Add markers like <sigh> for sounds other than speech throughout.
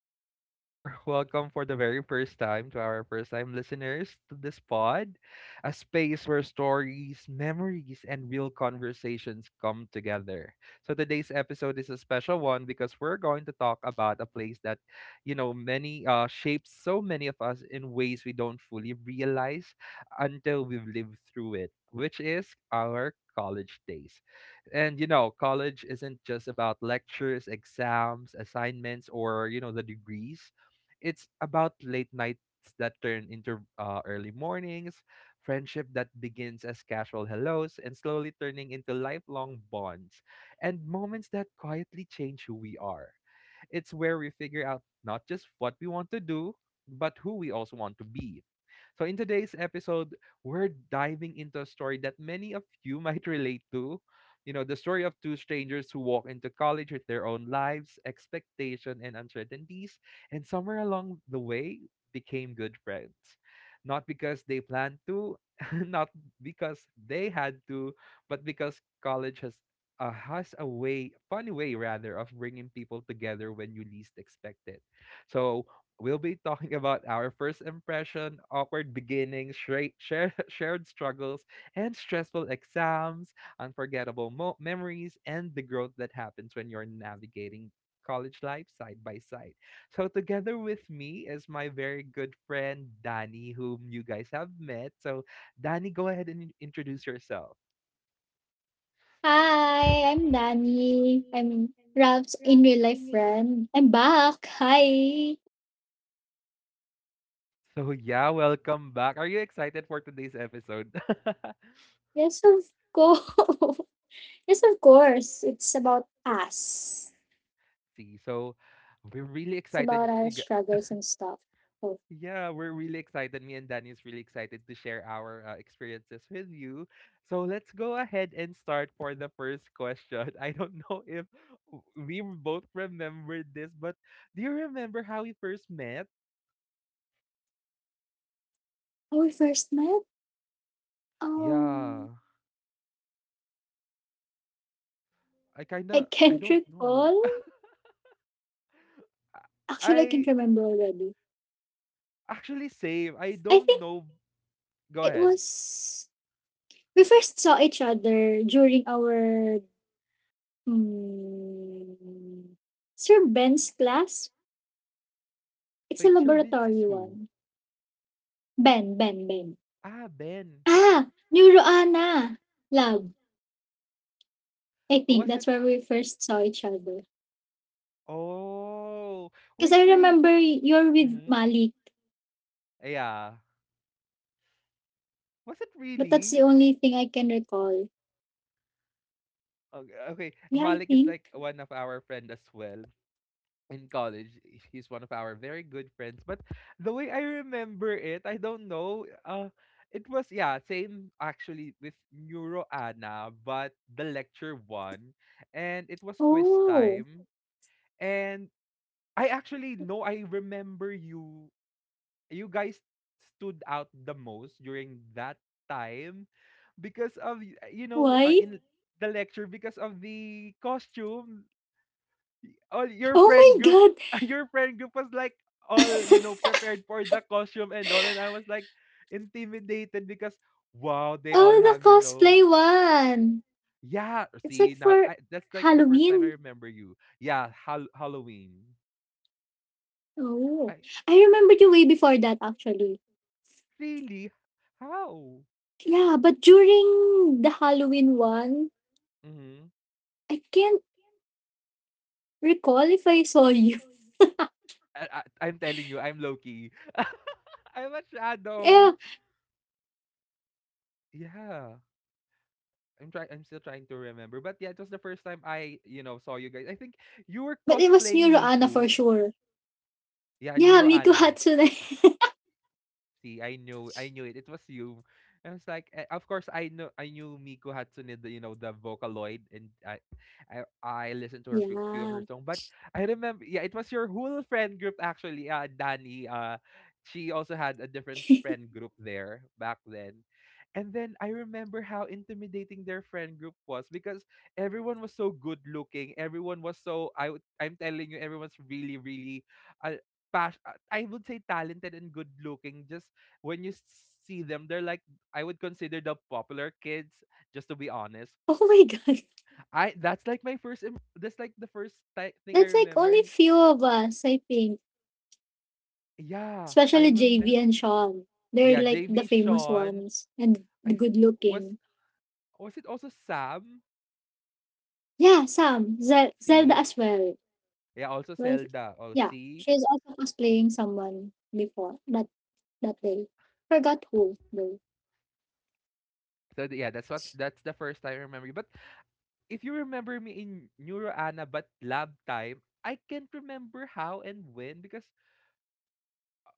back, or welcome for the very first time to our first time listeners to this pod, a space where stories, memories, and real conversations come together. So today's episode is a special one because we're going to talk about a place that, you know, many shapes so many of us in ways we don't fully realize until we've lived through it, which is our college days. And you know, college isn't just about lectures, exams, assignments, or the degrees. It's about late nights that turn into early mornings, friendship that begins as casual hellos and slowly turning into lifelong bonds, and moments that quietly change who we are. It's where we figure out not just what we want to do, but who we also want to be. So, in today's episode, we're diving into a story that many of you <laughs> might relate to. You know, the story of two strangers who walk into college with their own lives, expectation, and uncertainties, and somewhere along the way became good friends. Not because they planned to, <laughs> not because they had to, but because college has a way, funny way rather, of bringing people together when you least expect it. So we'll be talking about our first impression, awkward beginnings, <laughs> shared struggles, and stressful exams, unforgettable memories, and the growth that happens when you're navigating college life side by side. So together with me is my very good friend Danny, whom you guys have met. So Danny, go ahead and introduce yourself. Hi, I'm Danny. I'm Ralph's in real life friend. I'm back. Hi. So yeah, welcome back. Are you excited for today's episode? <laughs> Yes, of course. <laughs> yes, of course. It's about us. See, so we're really It's about excited. our <laughs> struggles and stuff. So, yeah, we're really excited. Me and Danny is really excited to share our experiences with you. So let's go ahead and start for the first question. <laughs> I don't know if we both remember this, but do you remember how we first met? how we first met? Um, Yeah, I kind I of I can't <laughs> don't know. <laughs> recall. Actually, I can't I remember already. actually same. I I don't think know. Go it ahead. was we first saw each other during our mm, Sir Ben's class. It's a Wait, Sir Vince is laboratory who? one. Ben. Ah, Ben. Ah! Neuroana! Love. I Oh, think was it? that's where we first saw each other. Oh, Because wait, I really? remember you're with Mm-hmm. Malik, Yeah. Was it but that's the really? only thing I can recall. Okay, okay. Yeah, I Malik is think. like one of our friend as well, in college, she's one of our very good friends. But the way I remember it, I don't know. It was yeah, same actually with Neuro Anna, but the lecture one, and it was quiz Oh, time. And I actually know I remember you. You guys stood out the most during that time because of you know uh, why? in the lecture because of the costume all your friend Oh my group God! <laughs> your friend group was like all you know <laughs> prepared for the costume and all, and I was like intimidated because wow they all Oh, the have you know cosplay one! yeah It's like see now for I, that's like the first time I Halloween. remember you, yeah, Halloween. Oh, I I remember you way before that actually. really how. Yeah, but during the Halloween one, Mm-hmm. I can't recall if I saw you. I'm telling you I'm loki <laughs> I'm a <laughs> Yeah, shadow yeah I'm trying I'm still trying to remember but yeah it was the first time I you know saw you guys I think you were but it was cosplaying Neuro Anna for Miku. sure. Yeah, Yeah, Miku Neuroana. Hatsune. <laughs> See, I knew it. It was you. I was like, eh, of course, I know, I knew Miko Hatsune, the, you know, the Vocaloid, and I listened to her few, few of her yeah. songs. But I remember, yeah, it was your whole friend group actually. Danny. She also had a different friend group there back then, and then I remember how intimidating their friend group was because everyone was so good looking. Everyone was so I'm telling you, everyone's really, really, uh, I would say talented and good looking. Just when you see them, they're like I would consider the popular kids. Just to be honest, Oh my god. I that's like my first. Im- That's like the first thing That's I like remember. only And few of us, I think. yeah, I Especially JV remember. and Sean. They're Yeah, like the JB famous Sean. ones and the I good was looking. was it also Sam? Yeah, Sam. Zelda See, as well. yeah, also Well. Zelda. Oh, Yeah. see. She's also cosplaying someone before that that day. Forgot who though. So yeah, that's the first time I remember. But if you remember me in Neuro Ana but lab time, I can't remember how and when because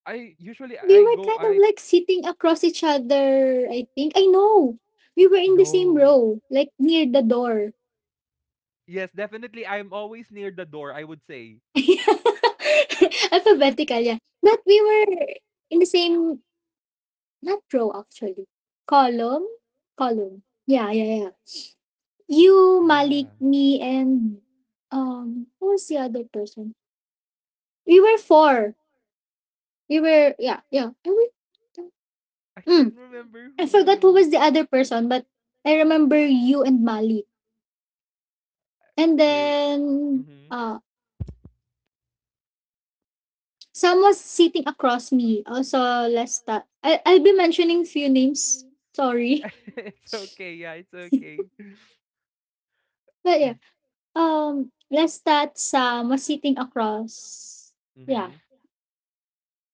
I usually We I were go kind of I like sitting across each other, I think. I know. We were in the same no. row, like near the door. Yes, definitely I'm always near the door, I would say. <laughs> Alphabetical, yeah. But we were in the same, not row actually, column, column. Yeah. You, Malik, Yeah. me, and who was the other person? We were four. Yeah. I can't mm, remember I forgot who who. was the other person, but I remember you and Malik. And Wait. then, Mhm. Sam was sitting across me. Also, Lesta. I'll be mentioning few names. <laughs> Sorry. It's okay. Yeah, it's okay. <laughs> But yeah, let less Sam was sitting across, yeah, Mhm.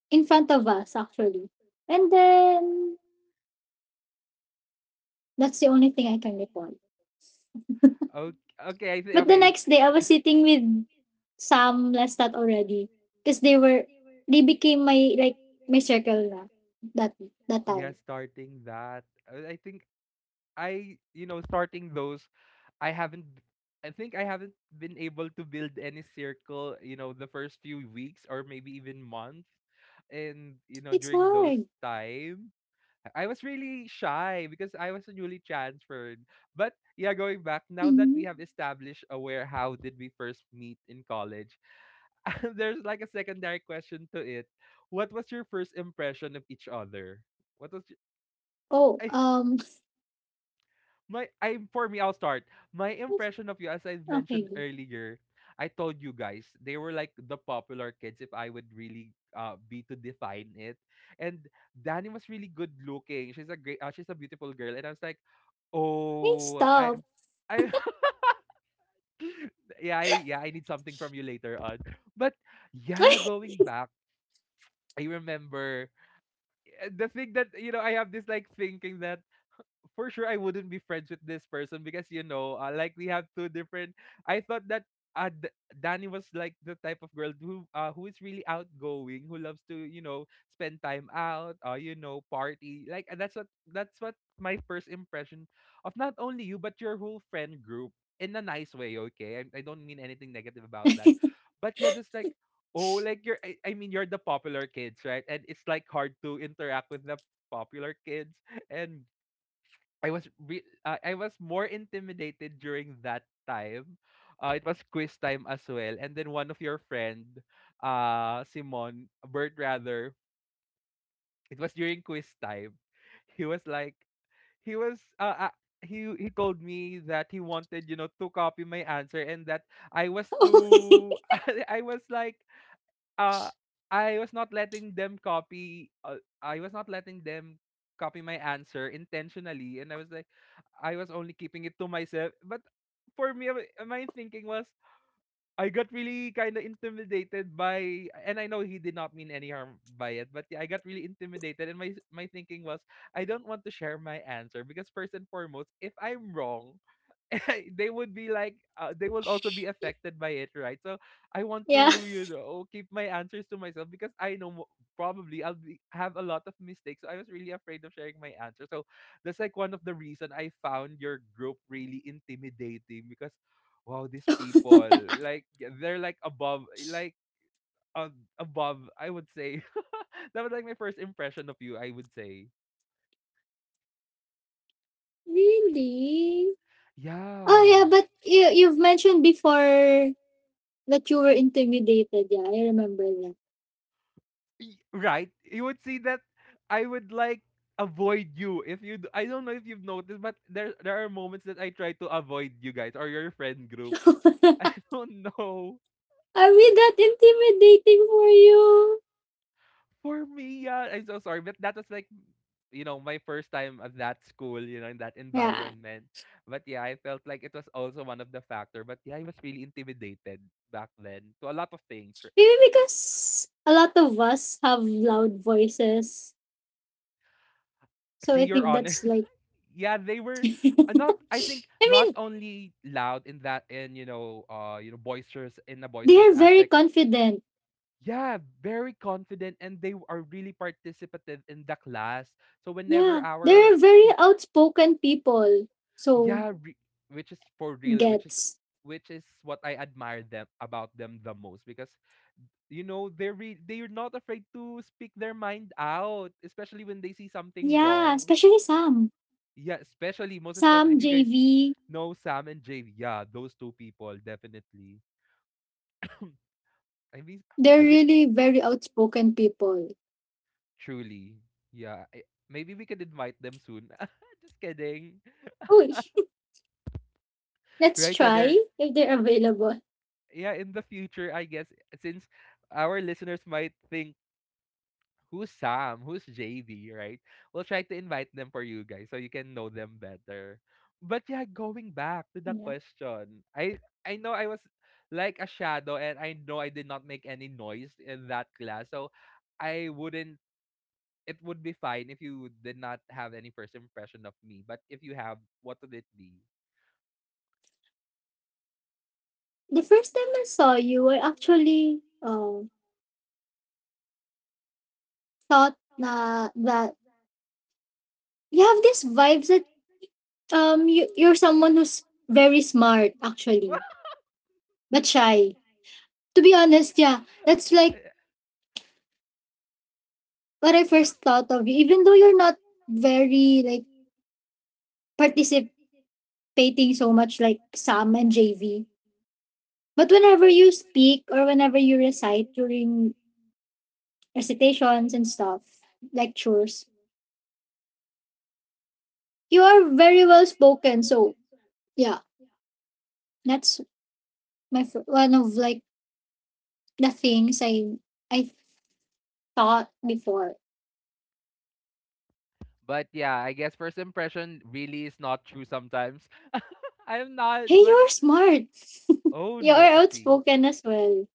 in front of us actually. And then that's the only thing I can recall. Okay, okay, But the okay. next day, I was If. sitting with <laughs> Sam Lestat already because they became my like my circle na that that Yeah, time. starting that I think I you know starting those I haven't b- I think I haven't been able to build any circle you know the first few weeks or maybe even months, and you know It's during those hard. time I was really shy because I was newly transferred. But yeah, going back, now that Mhm. we have established aware how did we first meet in college, <laughs> there's like a secondary question to it: what was your first impression of each other? what was Oh, y- i My I for me, I'll start. My impression <laughs> of you, as I've mentioned okay. earlier, I told you guys they were like the popular kids if I would really be to define it. And Danny was really good looking. She's a beautiful girl. And I was like, Hey, oh stop. I <laughs> yeah, yeah, I need something from you later on. But yeah, going back, I remember the thing that you know I have this like thinking that for sure I wouldn't be friends with this person because you know, like we have two different. I thought that uh, D- Danny was like the type of girl who is really outgoing, who loves to you know spend time out, you know party. Like, and that's what my first impression of not only you but your whole friend group in a nice way. Okay, I don't mean anything negative about that, but yeah, just like. Oh, like you're, I mean, you're the popular kids, right? And it's like hard to interact with the popular kids <laughs> and I was more intimidated during that time. It was quiz time as well. And then one of your friend, Bert rather, it was during quiz time. He was like, he was, He told me that he wanted, you know, to copy my answer and that I was too, <laughs> <laughs> I was like, uh, I was not letting them copy my answer intentionally. And I was like, I was only keeping it to myself. But for me, my thinking was I got really kind of intimidated by, and I know he did not mean any harm by it, but yeah, I got really intimidated, and my thinking was I don't want to share my answer because first and foremost, if I'm wrong, <laughs> they would be like they will also be affected by it, right? So I want yeah. to you know keep my answers to myself because I know probably I'll be, have a lot of mistakes, so I was really afraid of sharing my answer. So that's like one of the reason I found your group really intimidating because wow these people <laughs> like yeah, they're like uh, above I would say. <laughs> That was like my first impression of you I would say. Really? Oh yeah, Yeah. but you've mentioned before that you were intimidated. Yeah, I remember that. Right? You would see that I would like avoid you if you d- I don't know if you've noticed but there are moments that I try to avoid you guys or your friend group. <laughs> <laughs> Oh no. Are we that intimidating for you? For me, yeah, I'm so sorry, but that was like you know my first time at that school, you know, in that Yeah. environment. But yeah, I felt like it was also one of the factor. But yeah, I was really intimidated back then to a lot of things. Maybe because a lot of us have loud voices. So See, I you're think honest. that's like Yeah, they <laughs> were I not. I think not mean, only loud in that, in you know, boisterous in a they are boisterous very aspect. confident. Yeah, very confident, and they are really participative in the class. So whenever Yeah. They're our very outspoken people. So yeah, which is for real, gets. which is what I admire them about them the most because you know they're not afraid to speak their mind out, especially when they see something Yeah, wrong. especially Sam. Yeah, especially most especially if you guys JV, know Sam and Jade. Yeah, those two people definitely. I mean, they're I guess really very outspoken people. truly. Yeah, I, maybe we could invite them soon. <laughs> Just kidding, Oh, let's right? Yeah, try they're if they're available. yeah in the future. I guess since our listeners might think who's Sam, who's JD, right? We'll try to invite them for you guys so you can know them better. But yeah, going back to the Yeah. question, I know I was like a shadow and I know I did not make any noise in that class. So I wouldn't it would be fine if you did not have any first impression of me. But if you have, what would it be? The first time I saw you, I actually thought na that you have these vibes that you're someone who's very smart actually, but shy. To be honest, yeah, that's like <laughs> what I first thought of you. Even though you're not very like participating so much like Sam and JV, but whenever you speak or whenever you recite during recitations and stuff, lectures, you are very well spoken. So yeah, that's one of like the things I thought before. But yeah, I guess first impression really is not true sometimes. <laughs> I'm not, Hey, but you're smart. <laughs> oh You're no. Let's see. outspoken as well.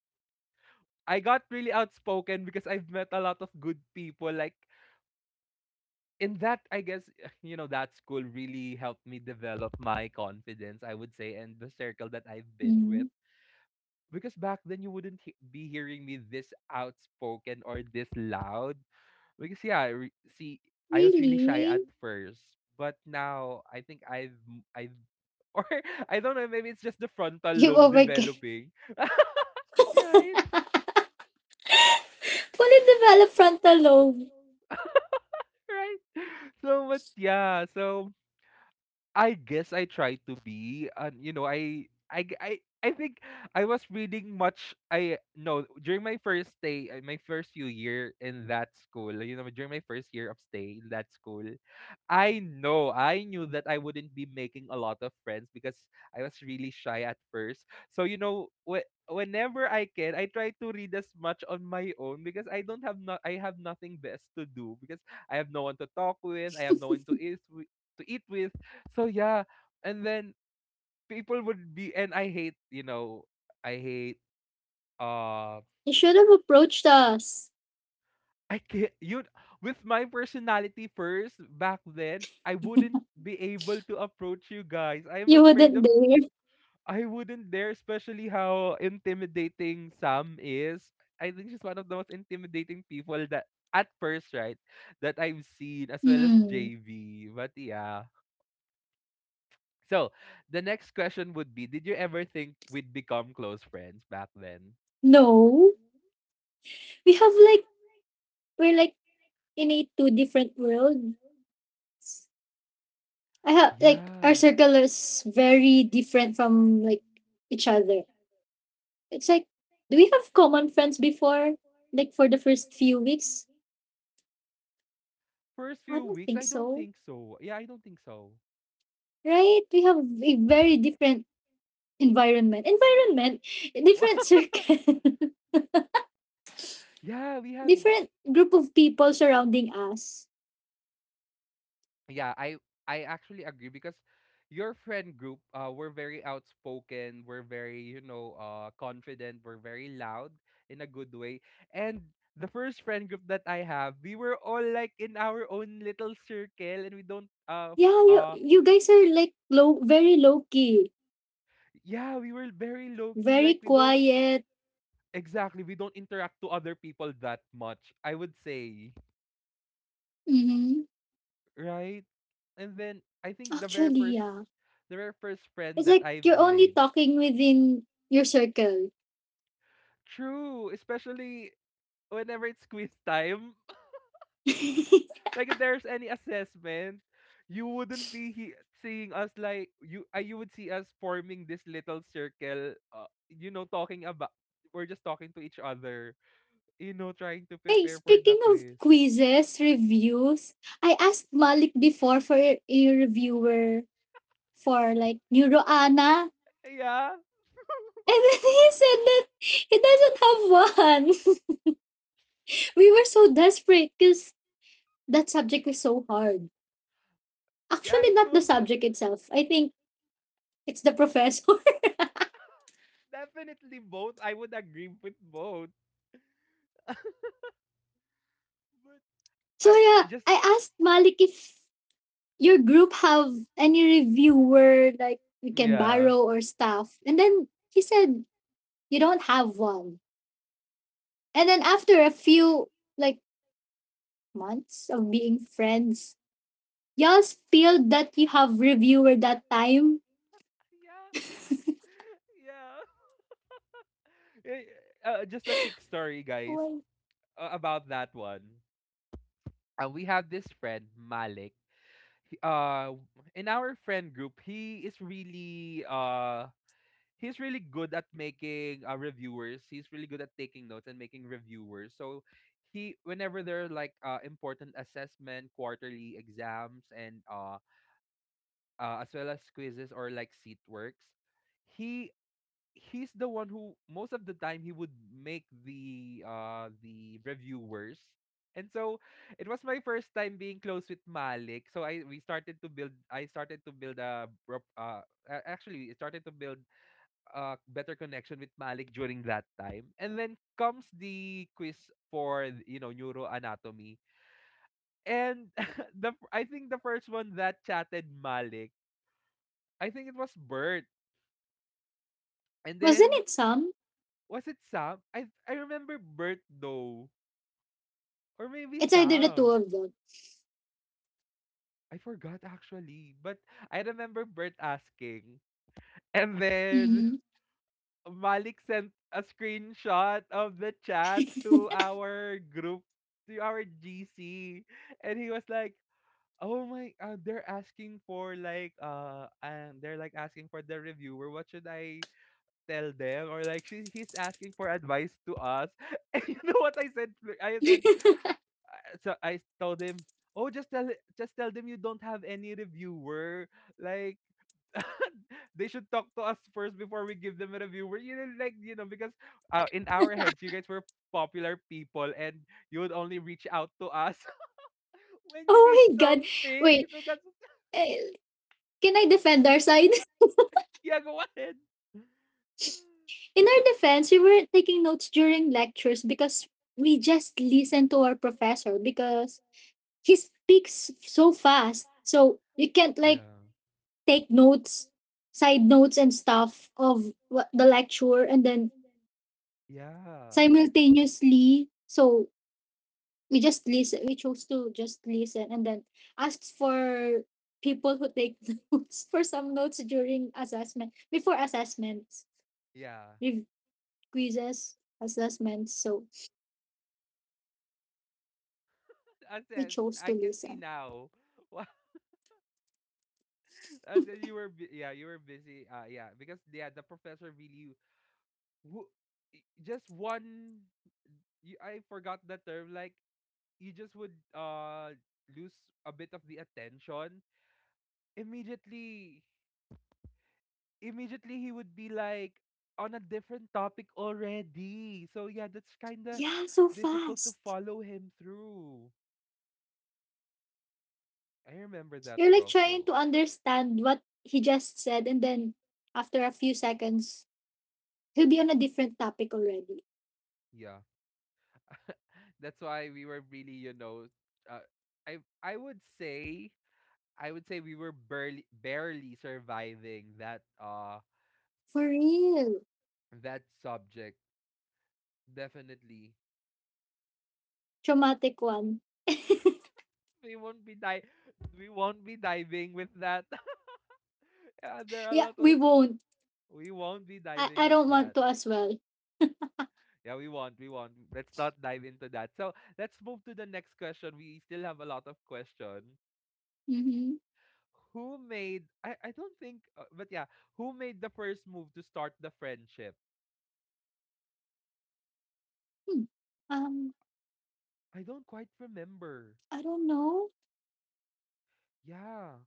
I got really outspoken because I've met a lot of good people. Like in that, I guess <sighs> <laughs> you know that school really helped me develop my confidence, I would say, and the circle that I've been Mm, with. Because back then you wouldn't be hearing me this outspoken or this loud. Because yeah, see, I was really shy really? at first, but now I think I've <laughs> or I don't know, maybe it's just the frontal You've lobe overcame <laughs> developing. <laughs> Right? fully developed frontal lobe. Right. So but yeah, so I guess I tried to be, and you know, I think I was reading much. I no During my first day, my first few year in that school. You know, during my first year of stay in that school, I knew that I wouldn't be making a lot of friends because I was really shy at first. So you know, whenever I can, I try to read as much on my own because I have nothing best to do because I have no one to talk with. I have no one to eat with to eat with so yeah, and then people would be and I hate, you know, I hate uh You should have approached us. <laughs> I can't you with my personality first back then, I wouldn't be able to approach you guys. I'm You afraid wouldn't of dare. I wouldn't dare, especially how intimidating Sam is. I think she's one of the most intimidating people that at first, right? That I've seen as well as Hmm. JV. But yeah. So the next question would be, did you ever think we'd become close friends back then? No, we have like we're like in a two different worlds. I have like our Yeah. circle is very different from like each other. It's like, do we have common friends before? Like for the first few weeks? First I few don't weeks, think I don't so. think so. Yeah, I don't think so. Right? We have a very different environment. Environment, different <laughs> circle, <laughs> yeah, we had different group of people surrounding us. yeah, I actually agree because your friend group were very outspoken, we're very, you know, confident, we're very loud in a good way. And the first friend group that I have, we were all like in our own little circle and we don't Yeah, you uh you guys are like low very low key, Yeah, we were very low key. very Like we don't quiet. exactly we don't interact to other people that much, I would say, Mm-hmm. right? And then I think Actually, yeah. the very first friend It's that like I've you're only made. talking within your circle. True, especially whenever it's quiz time. <laughs> <laughs> Hey, Like if there's any assessment, you wouldn't be seeing us you would see us forming this little circle. You know, talking about. We're just talking to each other. You know, trying to prepare for the speaking of quiz. quizzes, reviews, I asked Malik before for a reviewer for like Neuroana. Yeah. And then <laughs> he said that he doesn't have one. <laughs> We were so desperate because that subject was so hard. Yeah, Actually, it not the was subject itself. I think it's the professor. <laughs> definitely both. I would agree with both. But So yeah, I just I asked Malik if your group have any reviewer like we can yeah. borrow or stuff. And then he said you don't have one. And then after a few like months of being friends, y'all spilled that you have reviewer that time. Yeah. <laughs> Yeah. Eh, just a quick story, guys, Wait. About that one. We have this friend, Malik. He, in our friend group, he's really good at making reviewers. He's really good at taking notes and making reviewers. So he whenever there are like important assessment, quarterly exams, and as well as quizzes or like seat works, he he's the one who most of the time he would make the reviewers. And so it was my first time being close with Malik. So I started to build actually it started to build a better connection with Malik during that time. And then comes the quiz for, you know, neuroanatomy. And <laughs> the I think the first one that chatted Malik, I think it was Bert. And Wasn't then it some? was it Sam? I remember Bert though, or maybe It's either the two Sam. of them. I forgot actually, but I remember Bert asking. And then Hmm Malik sent a screenshot of the chat to our group, to our GC, and he was like, "Oh my, they're asking for like, and they're like asking for the reviewer. What should I tell them? Or like, he's asking for advice to us." <laughs> And you know what I said? I said, <laughs> so I told him. Oh, just tell them you don't have any reviewer. Like <laughs> they should talk to us first before we give them a review. We're you know like you know because in our heads you guys were popular people and you would only reach out to us <laughs> when you Oh need my god. something. Wait, So that's eh, can I defend our side? yeah, go ahead. <laughs> <laughs> In our defense, we were taking notes during lectures because we just listened to our professor because he speaks so fast. So you <sighs> can't like Yeah. take notes, side notes and stuff of the lecture and then Yeah. simultaneously so we chose to just listen and then asked for people who take <laughs> notes for some notes during assessment before assessments Yeah. rev- quizzes assessments so As we as chose to I can see listen now. <laughs> Wha- As in yeah, you were busy. Yeah, because yeah, the professor really who just one you, I forgot the term like you just would lose a bit of the attention immediately he would be like on a different topic already, so yeah, that's kind of yeah so difficult to fast. follow him through. I remember that You're like prof trying though. to understand what he just said and then after a few seconds he'll be on a different topic already. Yeah, that's why we were really, you know, uh, I would say we were barely surviving that For real. that subject definitely. Traumatic one. we won't be di- we won't be diving with that. <laughs> yeah, there are a Yeah, lot we of won't. We won't be diving I with don't want that. to as well. Yeah, we won't, we won't. Let's not dive into that. So let's move to the next question. We still have a lot of question. Mm-hmm. Who made? I don't think, but yeah, who made the first move to start the friendship? Hmm. Um, I don't quite remember. I don't know. Yeah,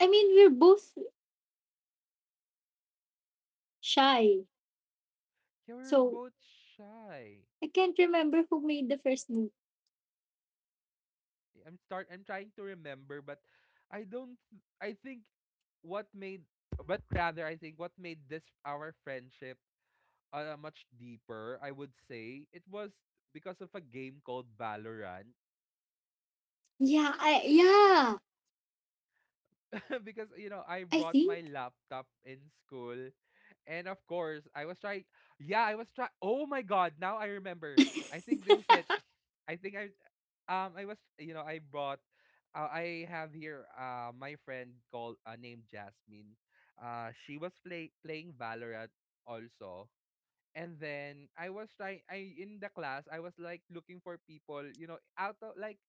I mean, we're both shy. yeah, we were So both shy. I can't remember who made the first move. I'm trying to remember, but I don't I think what made but rather I think what made this our friendship much deeper, I would say, it was because of a game called Valorant. Yeah, <laughs> Because you know I I brought think. my laptop in school, and of course I was trying. Yeah, I was trying. Oh my god! Now I <laughs> remember. I think this is it. ah, <sighs> <laughs> I think I, I was you know I brought. I have here my friend called named Jasmine. She was playing Valorant also. And then I was trying I in the class I was like looking for people, you know, out of like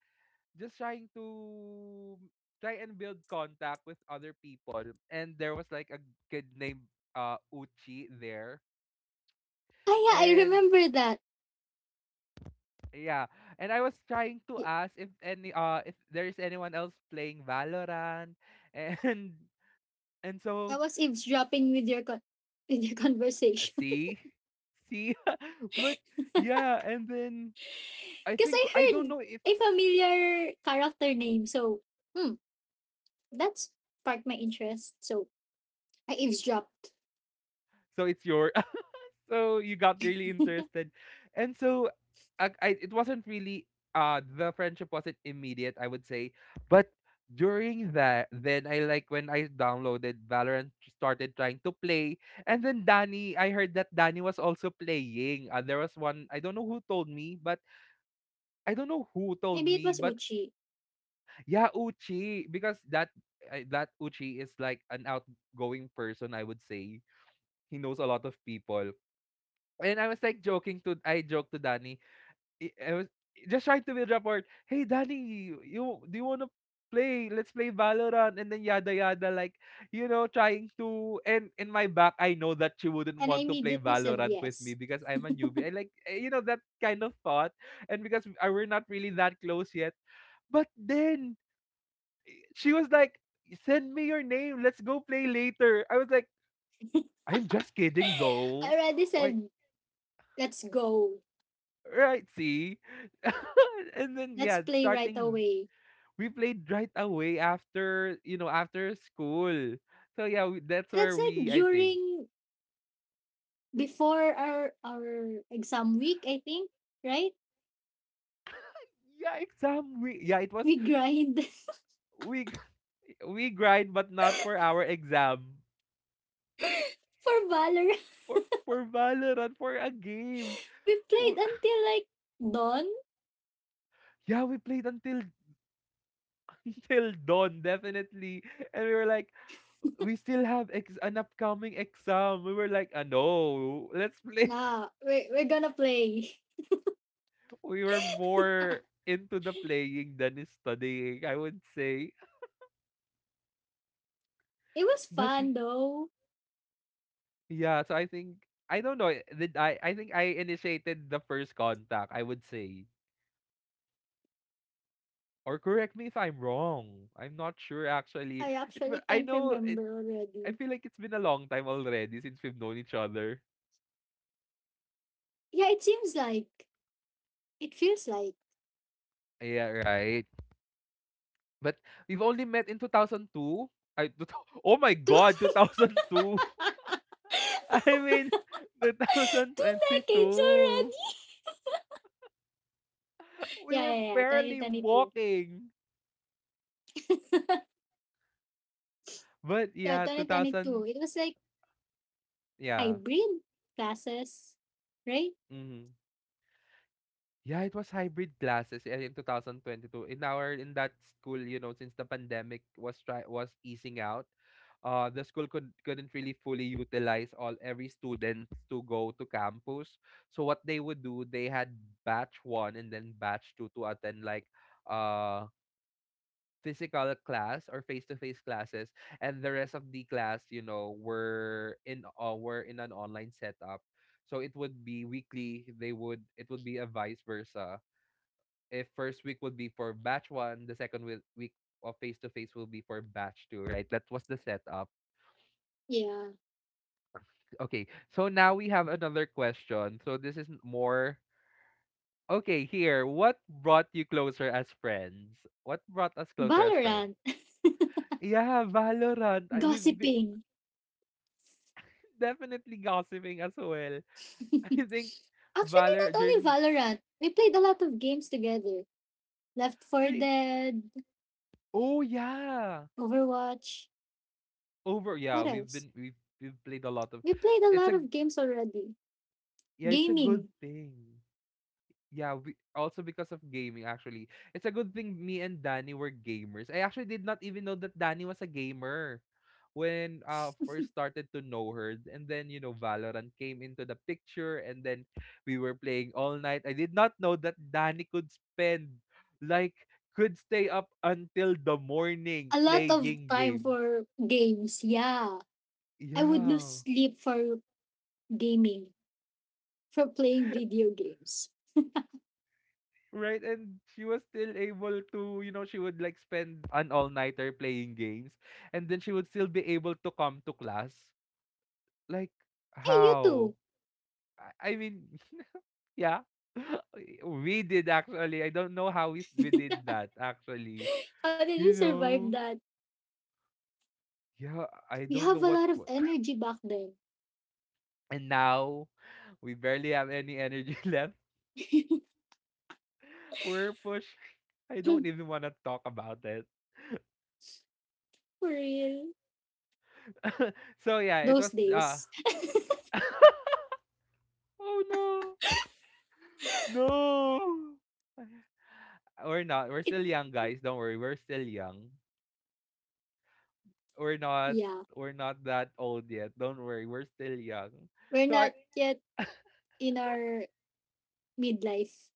just trying to try and build contact with other people. And there was like a kid named Uchi there. yeah, I And remember that. yeah, and I was trying to I ask if any if there is anyone else playing Valorant and <laughs> and so was eavesdropping with with your <laughs> uh, conversation. see see <laughs> but yeah, and then <laughs> Because I I don't heard know if a familiar character name. So, hmm, that's sparked my interest. So, I eavesdropped. so it's your so you got really interested. And so I it wasn't really the friendship wasn't immediate, I would say, but during that then I like when I downloaded Valorant, started trying to play. And then Danny, I heard that Danny was also playing. There was one I don't know who told me, but I don't know who told Maybe it me was but Uchi. yeah, Uchi, because that Uchi is like an outgoing person, I would say. He knows a lot of people. And I was like joking to I joked to Danny. I was just trying to build rapport. Hey Danny, you- do you wanna play? Let's play Valorant and then yada yada like you know trying to and in my back I know that she wouldn't And I want to play immediately said Valorant with me yes. because I'm a newbie. I like eh, you know, that kind of thought, and because I, we're not really that close yet. But then she was like, "Send me your name. Let's go play later." I was like, "I'm just kidding I though. already Why said, let's go. Right, see? <laughs> And then Let's yeah, play right starting away. we played right away after, you know, after school. So yeah, that's And that's where like we I think. during, before our exam week, I think, right? Yeah, it was We grind we <laughs> we grind, but not for our exam. <laughs> for Valorant. For for Valorant, for a game. We played W- until like dawn. Yeah, we played until <laughs> until dawn definitely. And we were like we still have an upcoming exam. We were like, ah, no, let's play. We're gonna play. We were more into the playing than studying, I would say. It was That's fun re- though. Yeah, so I think I don't know. Did I? I think I initiated the first contact, I would say, or correct me if I'm wrong. I'm not sure actually. I actually I can't know it. remember I already. feel like it's been a long time already since we've known each other. Yeah, it seems like, it feels like Yeah, right. But we've only met in 2002. <laughs> Oh my Two, God, <laughs> 2002. <laughs> I mean, <laughs> two decades 2022. already. We were Yeah. barely 2022. walking. But Yeah, yeah, 2022. 2000, It was like yeah. hybrid classes, right? Mm-hmm. Yeah, it was hybrid classes eh, in 2022. In our in that school, you know, since the pandemic was try was easing out, the school couldn't really fully utilize all every student to go to campus. So what they would do, they had batch one and then batch two to attend, like uh physical class or face-to-face classes, and the rest of the class, you know, were in an online setup. So it would be weekly. They would It would be a vice versa. If first week would be for batch 1, the week of face-to-face will be for batch 2, right? That was the setup. Yeah. Okay, so now we have another question. So this is more, okay, here: what brought you closer as friends? What brought us closer as friends? Valorant, Yeah, Valorant. <laughs> I- We've gossiping. Definitely gossiping as well. <laughs> <laughs> I think Actually, Valor not only during Valorant. We played a lot of games together. Left 4 re- Dead, Oh yeah. Overwatch. Over Yeah, What we've else? been we've played a lot of We played a it's lot a of games already. yeah, it's a good Gaming. thing. Yeah, we also, because of gaming actually. It's a good thing me and Danny were gamers. I actually did not even know that Danny was a gamer when, first started to know her, and then, you know, Valorant came into the picture, and then we were playing all night. I did not know that Danny could spend, like, could stay up until the morning A lot of playing time games. for games. Yeah. I would lose Yeah. sleep for gaming, for playing video games. Right, and she was still able to, you know, she would, like, spend an all nighter playing games, and then she would still be able to come to class. Like, Hey, you how? too. I, I mean, <laughs> yeah, <laughs> we did actually. I don't know how we did that actually. How did you You survive know, that? yeah, I We don't know have a lot of what. <coughs> energy back then. And now we barely have any energy <laughs> left. We're pushing. I <laughs> For don't even want to talk about it. real. So yeah, it Those was. days. <laughs> oh no. No. We're not. We're It, still young, guys. Don't worry. We're still young. We're not, yeah. we're not that old yet. Don't worry. We're still young. We're So I not yet in our midlife.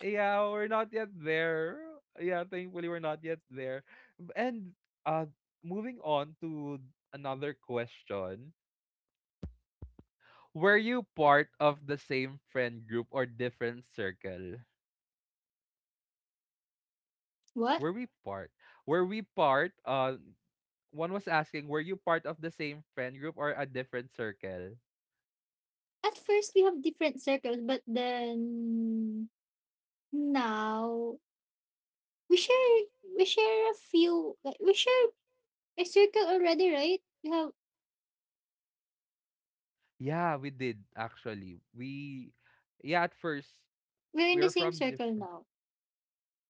Yeah, we're not yet there. Yeah, thankfully we're not yet there. And uh moving on to another question. Were you part of the same friend group or different circle? What? Were we part? Were we part uh One was asking, were you part of the same friend group or a different circle? At first, we have different circles, but then now we share a few like we share a circle already, right? We have Yeah, we did actually. We Yeah, at first we're in the we're same from circle different, now.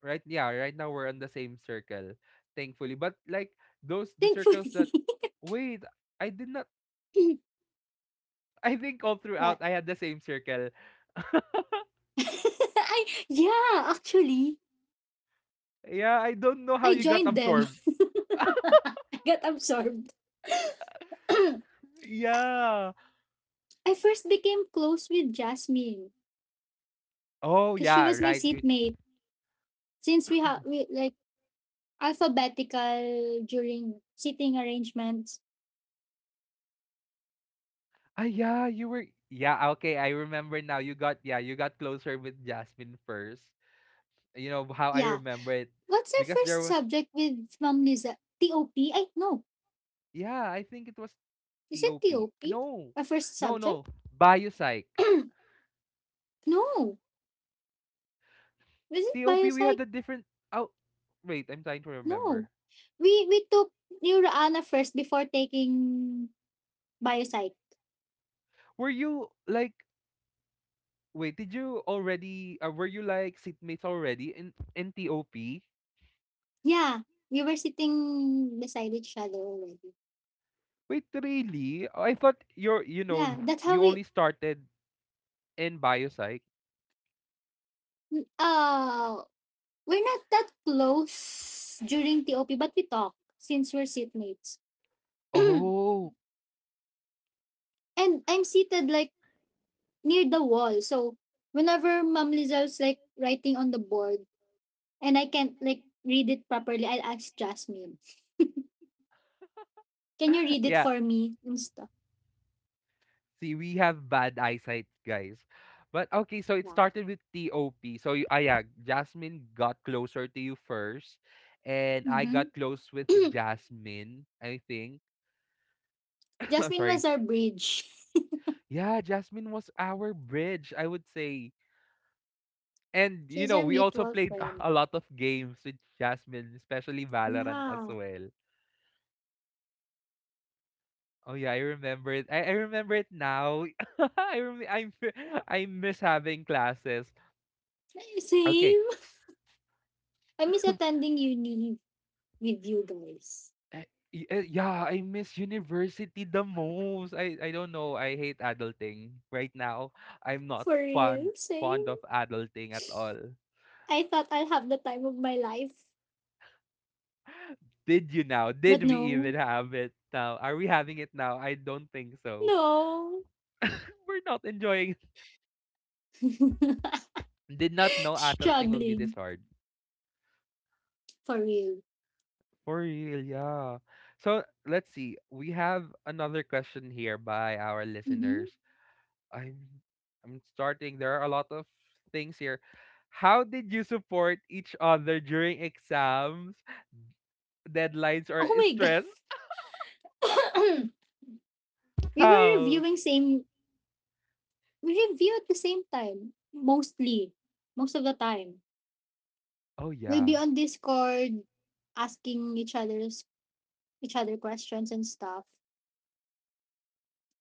right, yeah, right now we're on the same circle, thankfully. But, like, those, the Thankfully. circles that, wait, I did not, <laughs> <laughs> I think all throughout what? I had the same circle. <laughs> I yeah, actually, Yeah, I don't know how I you got joined them. absorbed. <laughs> I got absorbed. <clears throat> I Yeah. first became close with Jasmine Oh because she yeah, was my right. Seatmate. Since we like alphabetical during seating arrangements. Ah yeah, you were, yeah, okay, I remember now. You got Yeah, you got closer with Jasmine first. You know how I Yeah. remember it, What's our because there first were, subject with Ma'am Liza? TOP. I no. yeah, I think it was Is it TOP. TOP? No. Our first No, subject? no. Biopsych. <clears throat> No. Was it TOP, we had biopsych? a different. Oh, wait. I'm trying to No. remember. We took Neurana first before taking Biopsych. Were you like. Wait, did you already. Were you like seatmates already in TOP? Wait, Yeah, we were sitting beside each other already. really? Oh, I thought you're. You know, Yeah, that's how you we. only started in Biopsych. Uh, we're not that close during TOP, but we talk since we're seatmates. <clears throat> And Oh. I'm seated like near the wall, so whenever Mom Lizelle's like writing on the board and I can't like read it properly, I'll ask Jasmine, "Can you <laughs> read it yeah. for me?" and stuff. See, we have bad eyesight, guys. But okay, so it Yeah. started with TOP. So you, ah, yeah, Jasmine got closer to you first, and I Mm-hmm. got close with <clears throat> Jasmine, I think. <coughs> I'm Jasmine was sorry. our bridge. <laughs> Yeah, Jasmine was our bridge, I would say. And you She's know, our we also mutual played <laughs> friend. a lot of games with Jasmine, especially Valorant as Yeah. well. Oh yeah, I remember it. I remember it now. <laughs> I rem- I <laughs> I miss having classes. Okay. Same. I miss attending uni with you guys. Eh, yeah, I miss university the most. I don't know. I hate adulting right now. I'm not For real, fond of same. adulting at all. I thought I'll have the time of my life, Did you now? but Did we even no. have it now? Are we having it now? I don't think so. No. <laughs> We're not enjoying. <laughs> <laughs> Did not know adulting will be this Struggling. hard. For real. For real, yeah. So let's see. We have another question here by our Hmm listeners. I'm I'm starting. There are a lot of things here. How did you support each other during exams, deadlines, or Oh my god. stress? <clears throat> we were How? reviewing same we review at the same time. Mostly. Most of the time. Oh We'll be yeah, on Discord asking each other questions and stuff.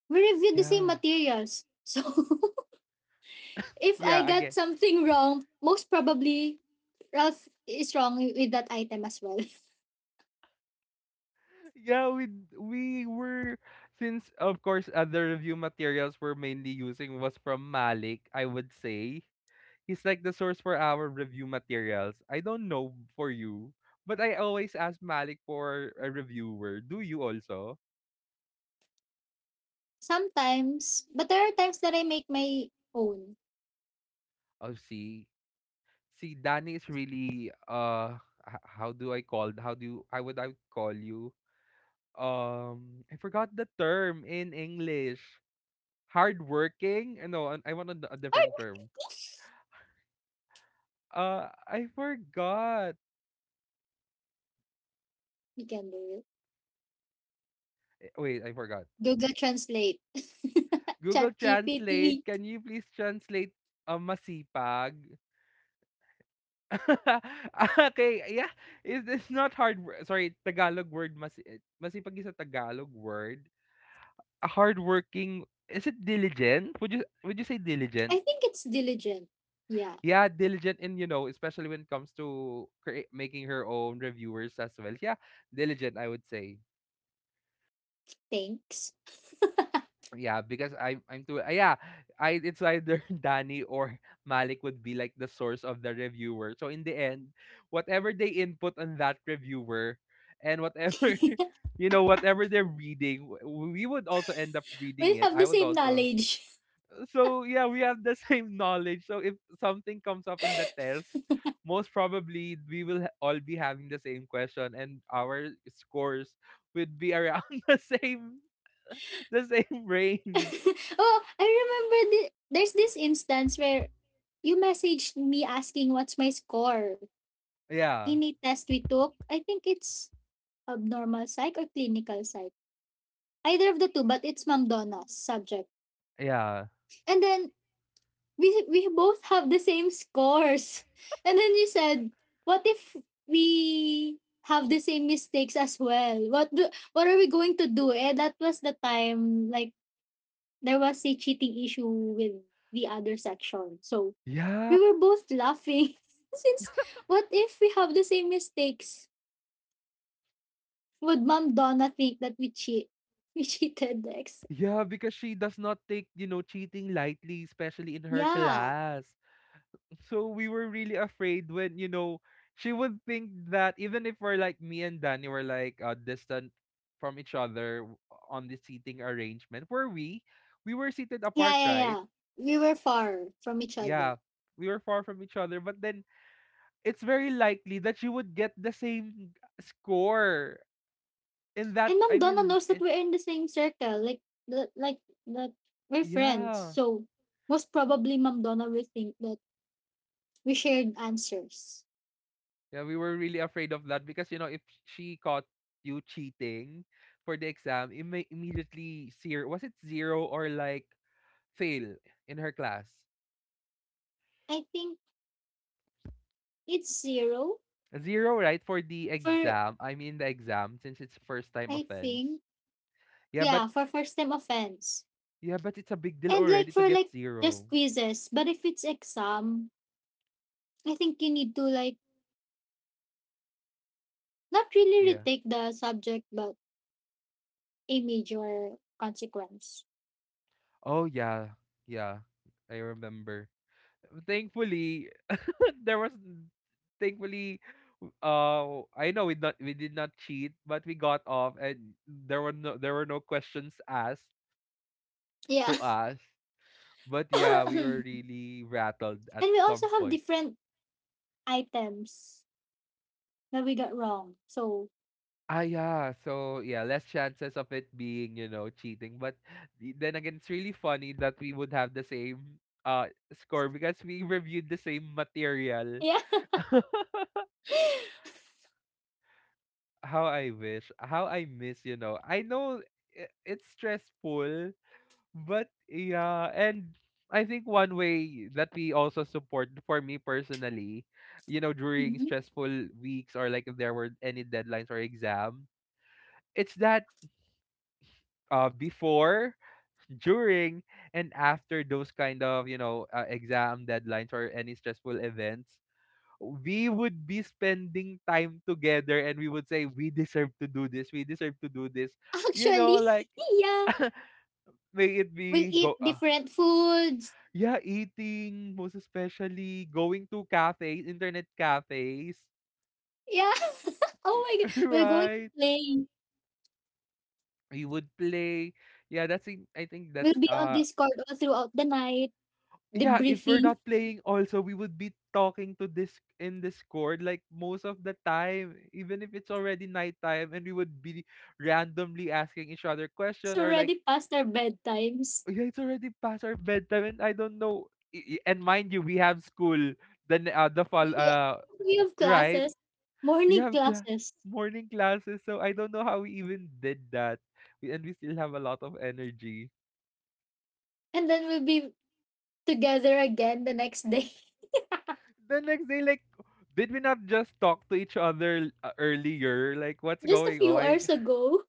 We reviewed the same yeah, materials. So <laughs> if I yeah. got Again, something wrong, most probably Ralph is wrong with that item as well. yeah. We were, since of course other review materials we're mainly using was from Malik. I would say he's like the source for our review materials. I don't know for you, but I always ask Malik for a reviewer. Do you also? <laughs> Sometimes, but there are times that I make my own. Oh, see. See, Danny is really how do you, I would call you, I forgot the term in English. Hardworking? No, I want a, a Or different term. I forgot. you can do it. Eh, wait, I forgot. Google Translate, <laughs> Google ChatGPT. Translate, can you please translate, masipag? <laughs> okay, yeah. Is this not hard. Sorry, Tagalog word masipag is a Tagalog word. A hardworking, is it diligent? Would you say I diligent? think it's diligent. Yeah, Yeah, diligent in, you know, especially when it comes to making her own reviewers as well. Yeah, diligent, I would say. thanks. Yeah, because I'm too yeah, I, it's either <laughs> Danny or Malik would be like the source of the reviewer. So in the end, whatever they input on that reviewer and whatever, <laughs> you know, whatever they're reading, we would also end up reading We it. have the I would same also knowledge. So yeah, we have the <laughs> same knowledge. So if something comes up in the test, most probably we will all be having the same question, and our scores would be around <laughs> the same <laughs> range. Oh, I remember there's this instance where you messaged me asking what's my score Yeah, in a test we took. I think it's abnormal psych or clinical psych. Either of the two, but it's Ma'am Donna's subject. yeah, And then we both have the same scores. <laughs> And then you said, what if we have the same mistakes as well? What are we going to do? Eh, that was the time like there was a cheating issue with the other section. So yeah, we were both laughing. <laughs> Since what if we have the same mistakes? Would Ma'am Donna think that we cheat? <laughs> We cheated the ex? yeah. Because she does not take, you know, cheating lightly, especially in her Yeah. class. So we were really afraid when, you know, she would think that even if we're like, me and Danny were, like, distant from each other, on the seating arrangement, were we? We were seated apart, right? Yeah. We were far from each other. Yeah. We were far from each other, but then it's very likely that she would get the same score in that, And I Ma'am Donna mean, knows that it, we're in the same circle, like that we're friends. yeah. So most probably Ma'am Donna will think that we shared answers. Yeah, we were really afraid of that, because, you know, if she caught you cheating for the exam, it may immediately zero, was it zero or like fail in her class. I think it's zero Zero, right, for the for exam. I mean the exam, since it's first time I offense. think Yeah, but, yeah, for first time offense. yeah, but it's a big deal And like already to for get like zero. just quizzes. But if it's exam, I think you need to like not really Yeah. retake the subject but a major consequence. Oh yeah. Yeah. I remember. Thankfully <laughs> there was, thankfully, I know we not, we did not cheat, but we got off and there were no, there were no questions asked Yeah. to us. But yeah, we were <coughs> really rattled at And we some also have point. different items that we got wrong. So, Ah, yeah. So yeah, less chances of it being, you know, cheating. But then again, it's really funny that we would have the same score because we reviewed the same material. yeah. <laughs> How I wish, how I miss, you know. I know, it's stressful, but yeah, and I think one way that we also support, for me personally, you know, during Mhm. stressful weeks or like if there were any deadlines or exam, it's that, before, during, and after those kind of, you know, exam deadlines or any stressful events, we would be spending time together and we would say we deserve to do this, we deserve to do this, you know, Actually, like, <laughs> yeah, may it we'll be go eat different foods. yeah, eating, most especially going to cafes, internet cafes, Yeah. <laughs> oh my God, <laughs> we're going to right, play. we would play, yeah, that's in, I think We'll that's be on uh Discord all throughout the night, Yeah, if we're debriefing. not playing also, we would be talking to this in Discord, like, most of the time, even if it's already nighttime, and we would be randomly asking each other It's question or like, already past our bedtimes. "Oh, yeah, it's already past our bedtime and I don't know." And mind you, we have school the fall, Yeah. We have right? classes, We morning have class, classes. morning classes, so I don't know how we even did that. And we still have a lot of energy. And then we'll be together again the next day. <laughs> The next day, like, did we not just talk to each other, earlier? Like, what's Just a going on? few hours ago.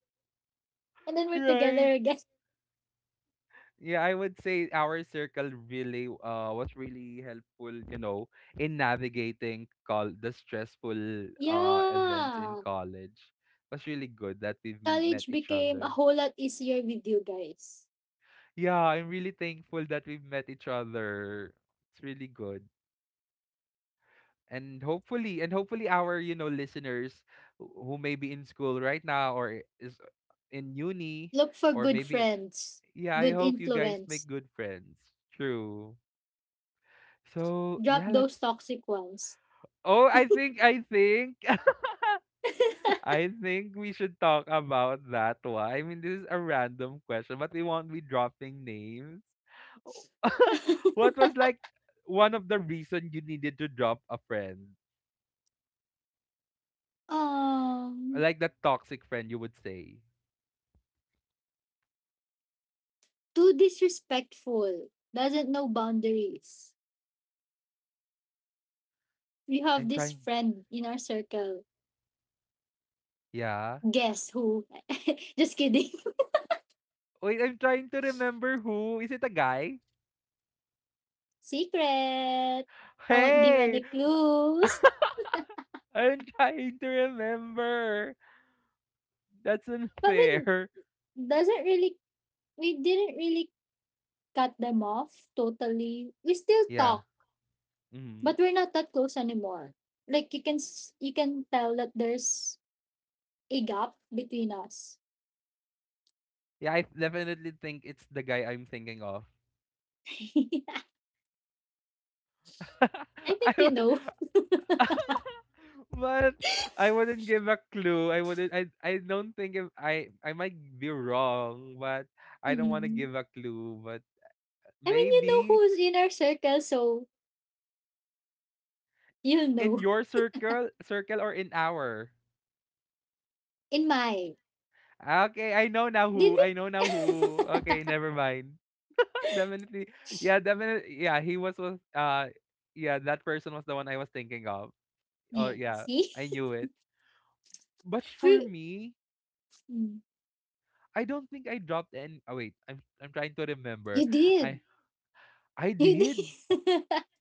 And then <laughs> we're right? together again. Yeah, I would say our circle really, was really helpful, you know, in navigating call the stressful events in Yeah. college. It was really good that we've met College each became a other. whole lot easier with you guys. Yeah, I'm really thankful that we've met each other. It's really good. And hopefully our listeners, who may be in school right now or is in uni, Look for or good maybe, friends, yeah, I good hope you guys make influence. good friends. True. So Drop yeah, those let's— toxic ones. oh, I think <laughs> <laughs> I think we should talk about that one. I mean, this is a random question, but we won't be dropping names. <laughs> What was, like, one of the reason you needed to drop a friend, um, like that toxic friend, you would say? too disrespectful, doesn't know boundaries. We have I'm this trying. friend in our circle. Yeah, Guess who? <laughs> Just kidding. wait, I'm trying to remember. Who is it, a guy? <laughs> Secret. I won't give Hey. any clues. <laughs> I'm trying to remember. That's But we unfair. doesn't really we didn't really cut them off totally. We still Yeah. talk. Hmm. But we're not that close anymore. Like you can you can tell that there's a gap between us. Yeah, I definitely think it's the guy I'm thinking of. <laughs> I <laughs> I think you would, know. <laughs> but I wouldn't give a clue. I wouldn't— I don't think— if I— I might be wrong, but I don't want to Mhm. give a clue, but I mean, you know maybe. who's in our circle, so you'll In know. your circle, or in our? In my Ah, okay, I know now did who. I know now we? who. <laughs> Okay, never mind. <laughs> But definitely, yeah, definitely, yeah. He was yeah. That person was the one I was thinking of. Oh Mm, yeah, see, I knew it. But for we. me, Mm, I don't think I dropped any. Oh wait, I'm trying to remember. you did, I I you did. did, <laughs>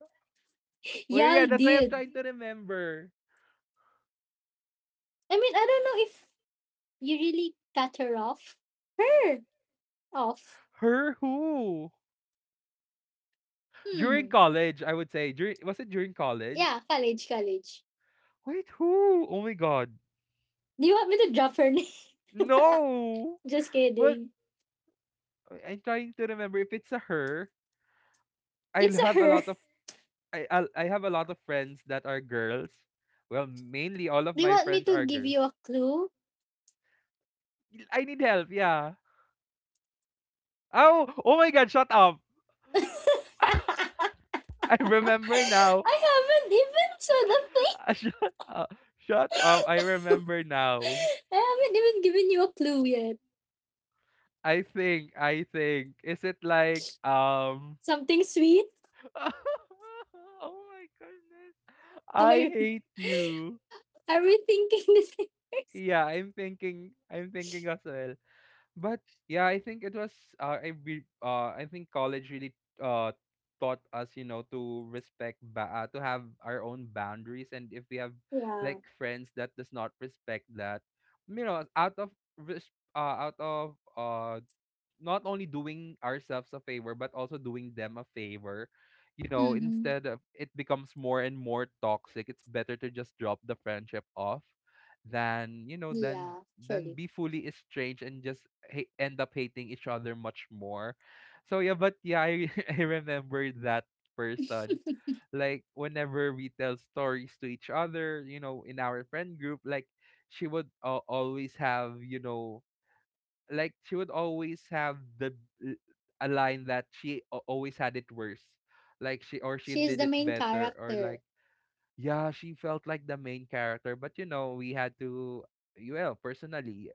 Oh yeah, yeah, y'all that's why I'm did. trying to remember. I mean, I don't know if you really cut her off. Her off. Her who? During Hmm. college? I would say during— was it during college? Yeah, college, college. Wait, who? Oh my god. Do you want me to drop her name? No! <laughs> Just But kidding. I'm trying to remember if it's a her. I'll It's a have a her. lot of— I have a lot of friends that are girls. Well, mainly all <laughs> of Do you my want me friends to are give girls. you a clue? I need help, yeah. Oh, oh my god, shut up. <laughs> I <laughs> I remember now. haven't even said a thing. <laughs> Shut up. Shut <laughs> up. I remember now. I haven't even given you a clue yet. I think, is it like, Something sweet? <laughs> Oh my goodness. Am I I, hate you. are we thinking the same person? Yeah, I'm thinking as well. But yeah, I think it was— I be— I think college really uh taught us, you know, to respect ba-— to have our own boundaries, and if we have, Yeah. like, friends that does not respect that, you know, out of res-— out of not only doing ourselves a favor, but also doing them a favor, you know, Mm-hmm. instead of it becomes more and more toxic, it's better to just drop the friendship off than, you know, than Yeah, than actually. be fully estranged and just ha-— end up hating each other much more. So yeah, but yeah, I— <laughs> I remember that person, like whenever we tell stories to each other, you know, in our friend group, like she would always have, you know, like she would always have the l-— a line that she a-— always had it worse, like she, or she She's did the it main better, or character. like— yeah, she felt like the main character, but you know, we had to— well, personally,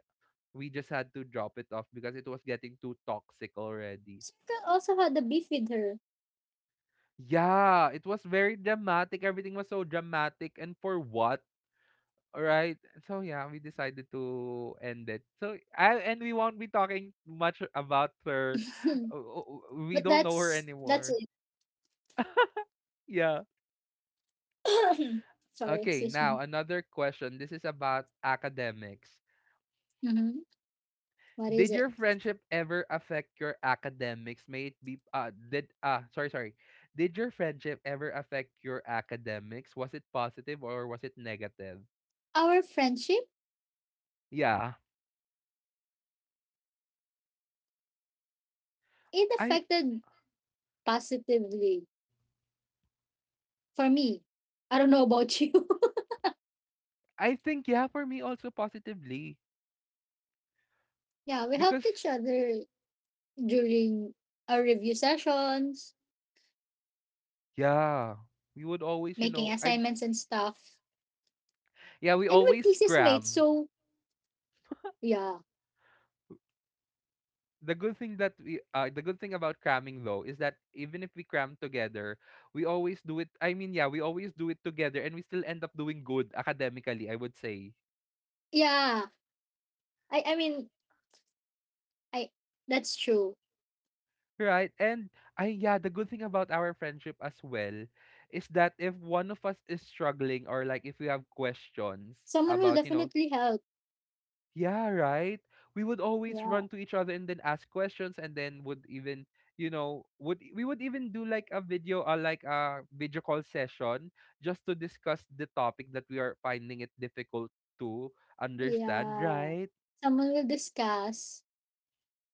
we just had to drop it off because it was getting too toxic already. Circle also had a beef with her. Yeah, it was very dramatic. Everything was so dramatic, and for what? Alright. So yeah, we decided to end it. So I— and we won't be talking much about her. <laughs> o-— We But don't know her that's anymore. it. <laughs> Yeah. <coughs> <clears throat> Sorry, Okay, excuse now me. another question. This is about academics. Mm-hmm. What is Did it? your friendship ever affect your academics? May it be did— ah, sorry, sorry. Did your friendship ever affect your academics? Was it positive or was it negative? Our friendship, Yeah. it I affected positively. For me, I don't know about <laughs> you. I think, yeah, for me also positively, Yeah, we helped because— each other during our review sessions, yeah, we would always, you making know, I— assignments and stuff. yeah, we And we're always thesis mates, cram. so yeah. The good thing about cramming though is that even if we cram together, we always do it. I mean, yeah, we always do it together, and we still end up doing good academically, I would say. Yeah. I mean, I that's true. Right. And I— yeah, the good thing about our friendship as well is that if one of us is struggling, or like if we have questions Someone will about, you know— definitely help. yeah, right? We would always Yeah. run to each other and then ask questions, and then would even, you know, would e—, we would even do like a video— like a video call session just to discuss the topic that we are finding it difficult to understand, Yeah. right? Someone will discuss.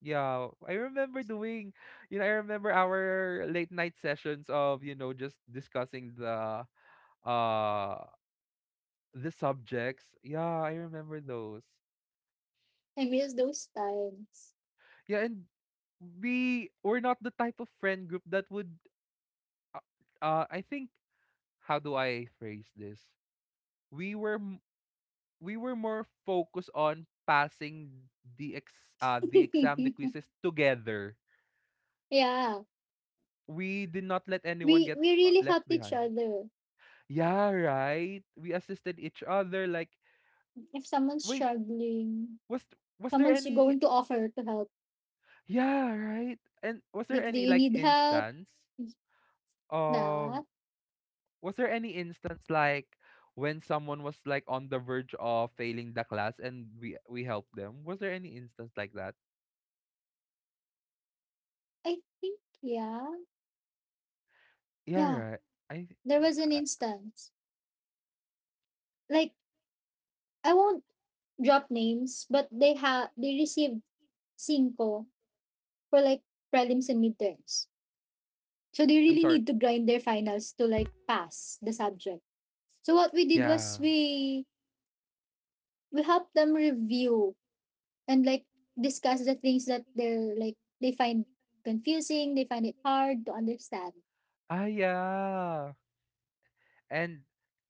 Yeah, I remember doing, you know, I remember our late night sessions of, you know, just discussing the uh subjects. Yeah, I remember those. I miss those times. Yeah, and we're not the type of friend group that would uh, I think, how do I phrase this? We were m-— we were more focused on passing the ex— the exam, the <laughs> quizzes together. Yeah. We did not let anyone get We really left helped each behind. other. Yeah, right. We assisted each other like— If someone's wait, struggling, was th-— was there someone's any— going to offer to help. yeah, right? And was there Like, do any you like need help? instance of— That was there any instance like when someone was like on the verge of failing the class, and we helped them? Was there any instance like that? I think, yeah, Yeah, yeah. right. I, There I was an I- instance. Like, I won't drop names, but they have they received cinco for like prelims and midterms. So they I'm really sorry. need to grind their finals to like pass the subject. So what we did was Yeah. We helped them review and like discuss the things that they're like they find confusing, they find it hard to understand. Ah, yeah. And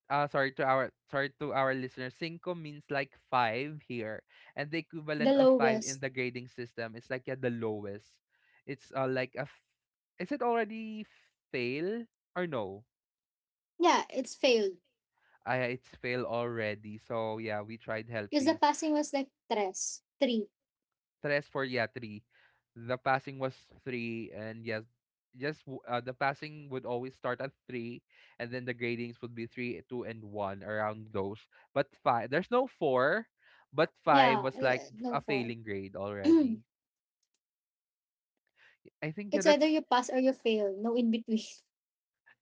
sorry to our listeners. Cinco means like five here, and the The equivalent of five in lowest. the grading system is, like, yeah, the lowest. It's like a. F-— is it already fail or no? Yeah, it's failed. I— it's fail already. So yeah, we tried Because the helping. passing was like tres, three. Tres, for— yeah, three. The passing was three, and yes, just w-— the passing would always start at three, and then the gradings would be three, two, and one, around those. But five, there's no four, but five Yeah, was like no a four. failing grade already. <clears throat> I think yeah, It's either that's— you pass or you fail. No in between.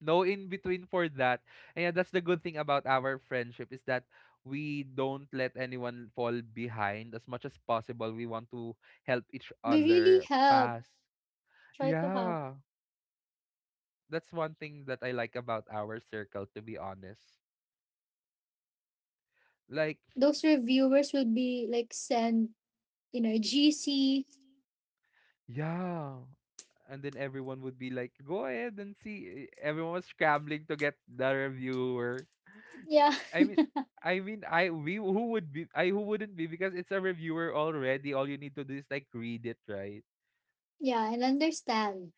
no in between for that. And yeah, that's the good thing about our friendship, is that we don't let anyone fall behind as much as possible. We want to help each <laughs> We really other help. pass. Try to help. Yeah, that's one thing that I like about our circle, to be honest. Like, Those reviewers will be like send, you know, GC. yeah. And then everyone would be like, "Go ahead and see." Everyone was scrambling to get the reviewer. Yeah, I mean, I— we who would be— I, who wouldn't be, because it's a reviewer already. All you need to do is like read it, right? <laughs> yeah, and understand.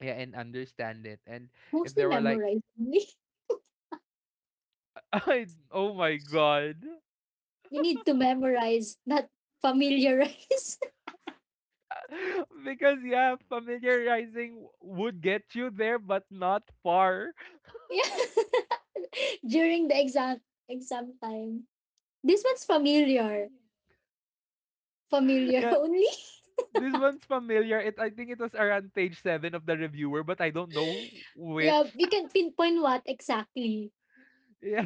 Yeah, and understand it. And if Mostly there were like, memorize. <laughs> only. <laughs> I, oh my god, You need to memorize, not familiarize. <laughs> because yeah, familiarizing w-— would get you there, but not far. <laughs> yeah, <laughs> during the exam time. This one's familiar. <laughs> Familiar <laughs> Yeah, only. this one's familiar. It— I think it was around page seven of the reviewer, but I don't know Yeah, which. we can pinpoint what exactly. <laughs> Yeah.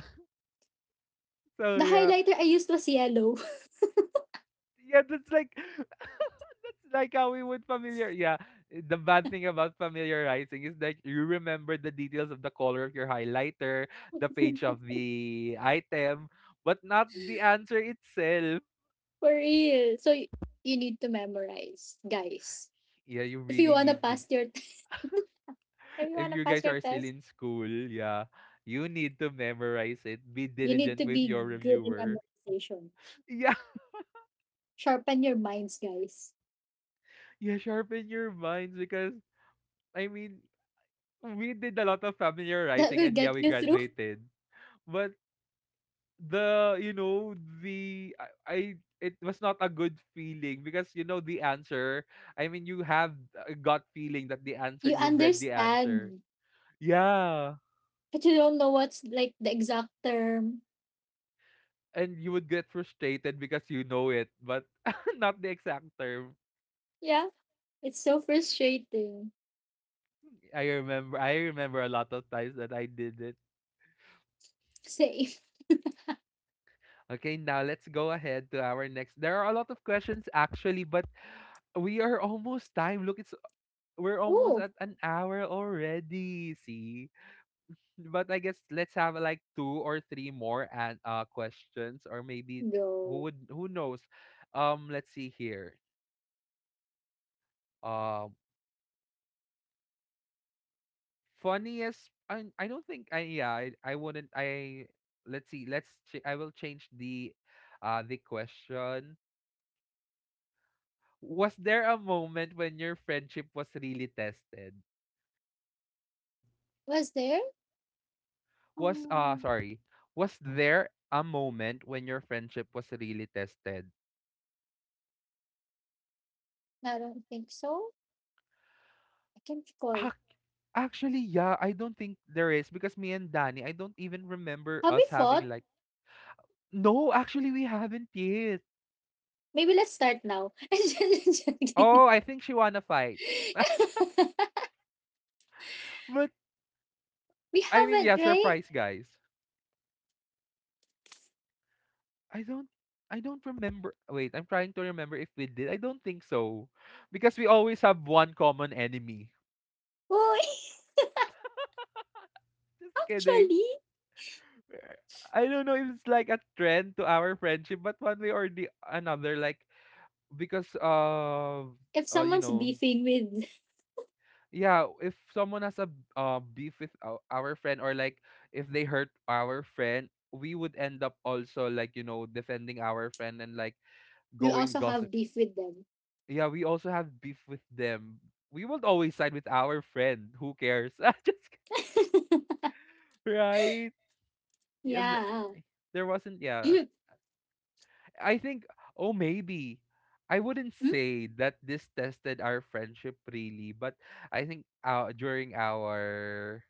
So The yeah. highlighter I used was yellow. <laughs> Yeah, that's like— <laughs> that's like how we would familiar— yeah. The bad thing about familiarizing is that you remember the details of the color of your highlighter, the page of the item, but not the answer itself. For real. You need to memorize, guys. Yeah, you If you really wanna need the— pass your <laughs> if you if wanna you pass guys your are still test, in school, yeah. You need to memorize it. Be you need diligent to with be your good in reviewer. memorization. <laughs> Yeah. Sharpen your minds, guys. Yeah, sharpen your minds, because I mean, we did a lot of That familiarizing, will and yeah, get we you through. graduated. But the, you know, the— I it was not a good feeling because you know the answer. I mean, you have a gut feeling that the answer— You you've read the answer. understand, Yeah. but you don't know what's like the exact term. And you would get frustrated because you know it, but <laughs> not the exact term. Yeah, it's so frustrating. I remember a lot of times that I did it. Same. <laughs> Okay, now let's go ahead to our next. There are a lot of questions actually, but we are almost time. Look, it's— we're almost Oh at an hour already. See, but I guess let's have like two or three more and questions, or maybe— no, who knows? Let's see here. Um, Funniest. I don't think I— yeah, I wouldn't— I— let's see, let's ch-— I will change the question. Was there a moment when your friendship was really tested? was there? Was Um, sorry, was there a moment when your friendship was really tested? I don't think so. I can't Ac—, recall. actually, yeah, I don't think there is, because me and Danny, I don't even remember Have we us having fought? like— no, actually we haven't yet. Maybe let's start now. <laughs> Oh, I think she wanna fight. But— We I mean, haven't, yeah, right? surprise, guys. I don't I don't remember. Wait, I'm trying to remember if we did. I don't think so. Because we always have one common enemy. Well, <laughs> Just kidding. actually, I don't know if it's like a trend to our friendship, but one way or the another, like, because of— if you someone's know, beefing with, yeah, if someone has a beef with ou-— our friend, or like if they hurt our friend, we would end up also like, you know, defending our friend, and like we going also have gossip. beef with them. Yeah, we also have beef with them. We would always side with our friend. Who cares? <laughs> Just— right. Yeah, th-— Yeah. there wasn't. Yeah, <clears throat> I think, oh, maybe. I wouldn't Hmm? say that this tested our friendship really, but I think during our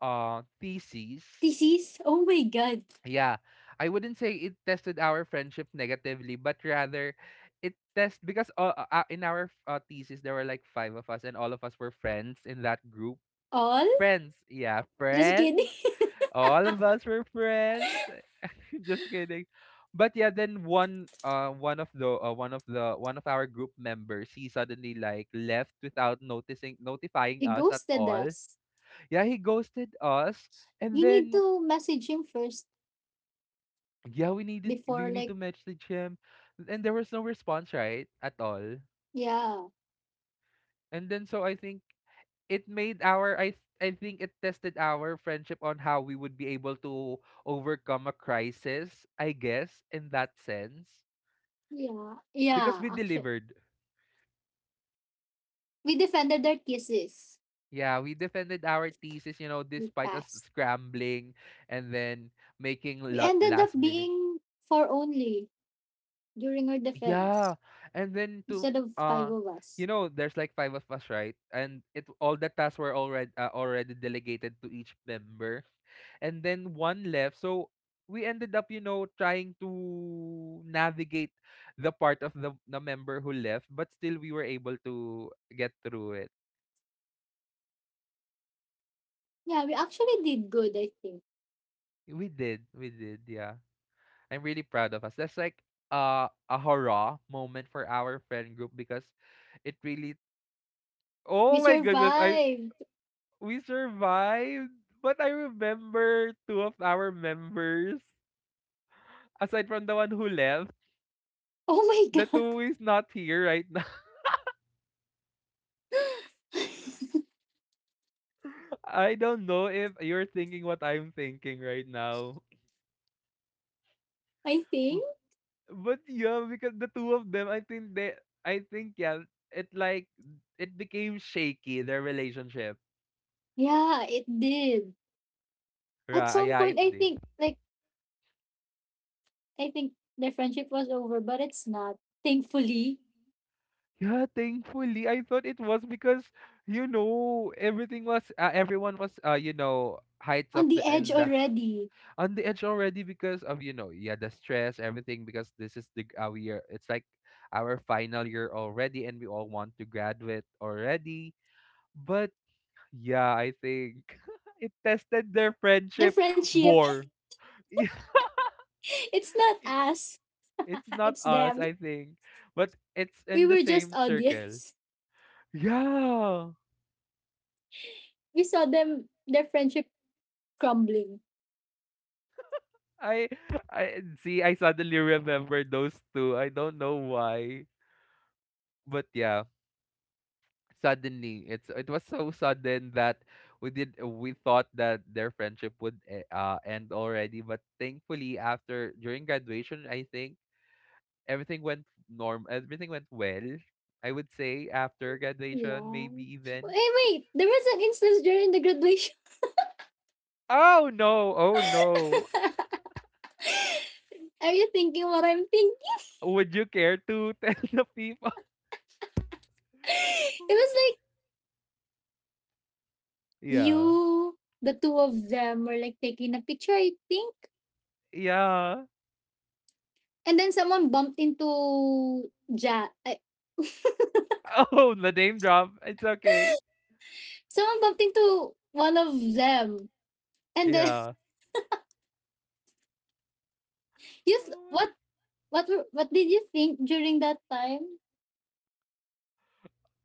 thesis, Thesis? Oh my God. yeah, I wouldn't say it tested our friendship negatively, but rather it test— because in our thesis there were like five of us, and all of us were friends in that group. All? Friends, yeah, Just kidding. friends. <laughs> All of us were friends. <laughs> Just kidding. But yeah, then one— one of the— one of the— one of our group members, he suddenly like left without noticing— notifying He us at ghosted all. us. Yeah, he ghosted us, and You need then to message him first yeah, before, we need to like, message him, and there was no response, right? At all. yeah, And then so I think it made our, I think it tested our friendship on how we would be able to overcome a crisis, I guess, in that sense yeah, because yeah, we actually. delivered. We defended our kisses. Yeah, we defended our thesis, you know, We despite us passed. scrambling and then making We ended last up minute. being for only during our Yeah. defense. And then to Instead of five uh of us. you know, there's like five of us, right? And it all the tasks were already already delegated to each member. And then one left. So we ended up, you know, trying to navigate the part of the member who left, but still we were able to get through it. Yeah, we actually did good, I think. We did. We did. Yeah. I'm really proud of us. That's like a hurrah moment for our friend group because it really. Oh We my goodness! I survived. we survived, but I remember two of our members aside from the one who left. Oh my The <laughs> God, two is not here right now. <laughs> I don't know if you're thinking what I'm thinking right now. I think. W- But yeah, because the two of them, I think, yeah, it like it became shaky their relationship. Yeah, it did. At Right? some Yeah, point, it I did. think, like, I think their friendship was over, but it's not. Thankfully, Yeah, thankfully. I thought it was because, you know, everything was everyone was you know, heights of on the the edge and the, already. on the edge already because of, you know, yeah, the stress, everything because this is the we are it's like our final year already and we all want to graduate already. But yeah, I think <laughs> it tested their Their friendship friendship, more. <laughs> Yeah, <laughs> it's not us, it's not it's us, them. I think, but it's We in the were just same circle. audience. <laughs> Yeah. We saw them, their friendship crumbling. I I suddenly remember those two. I don't know why. But yeah, suddenly it was so sudden that we thought that their friendship would end already, but thankfully after during graduation, I think everything went well. I would say after graduation, Yeah. maybe even. Hey, wait, there was an instance during the graduation. Oh no, oh no. <laughs> Are you thinking what I'm thinking? Would you care to <laughs> tell the people? <laughs> <laughs> It was like Yeah. you, the two of them were like taking a picture, I think. Yeah. And then someone bumped into I- Oh, the name drop. It's okay. someone bumped into one of them. And then Yeah. <laughs> you Oh my. What were, what did you think during that time?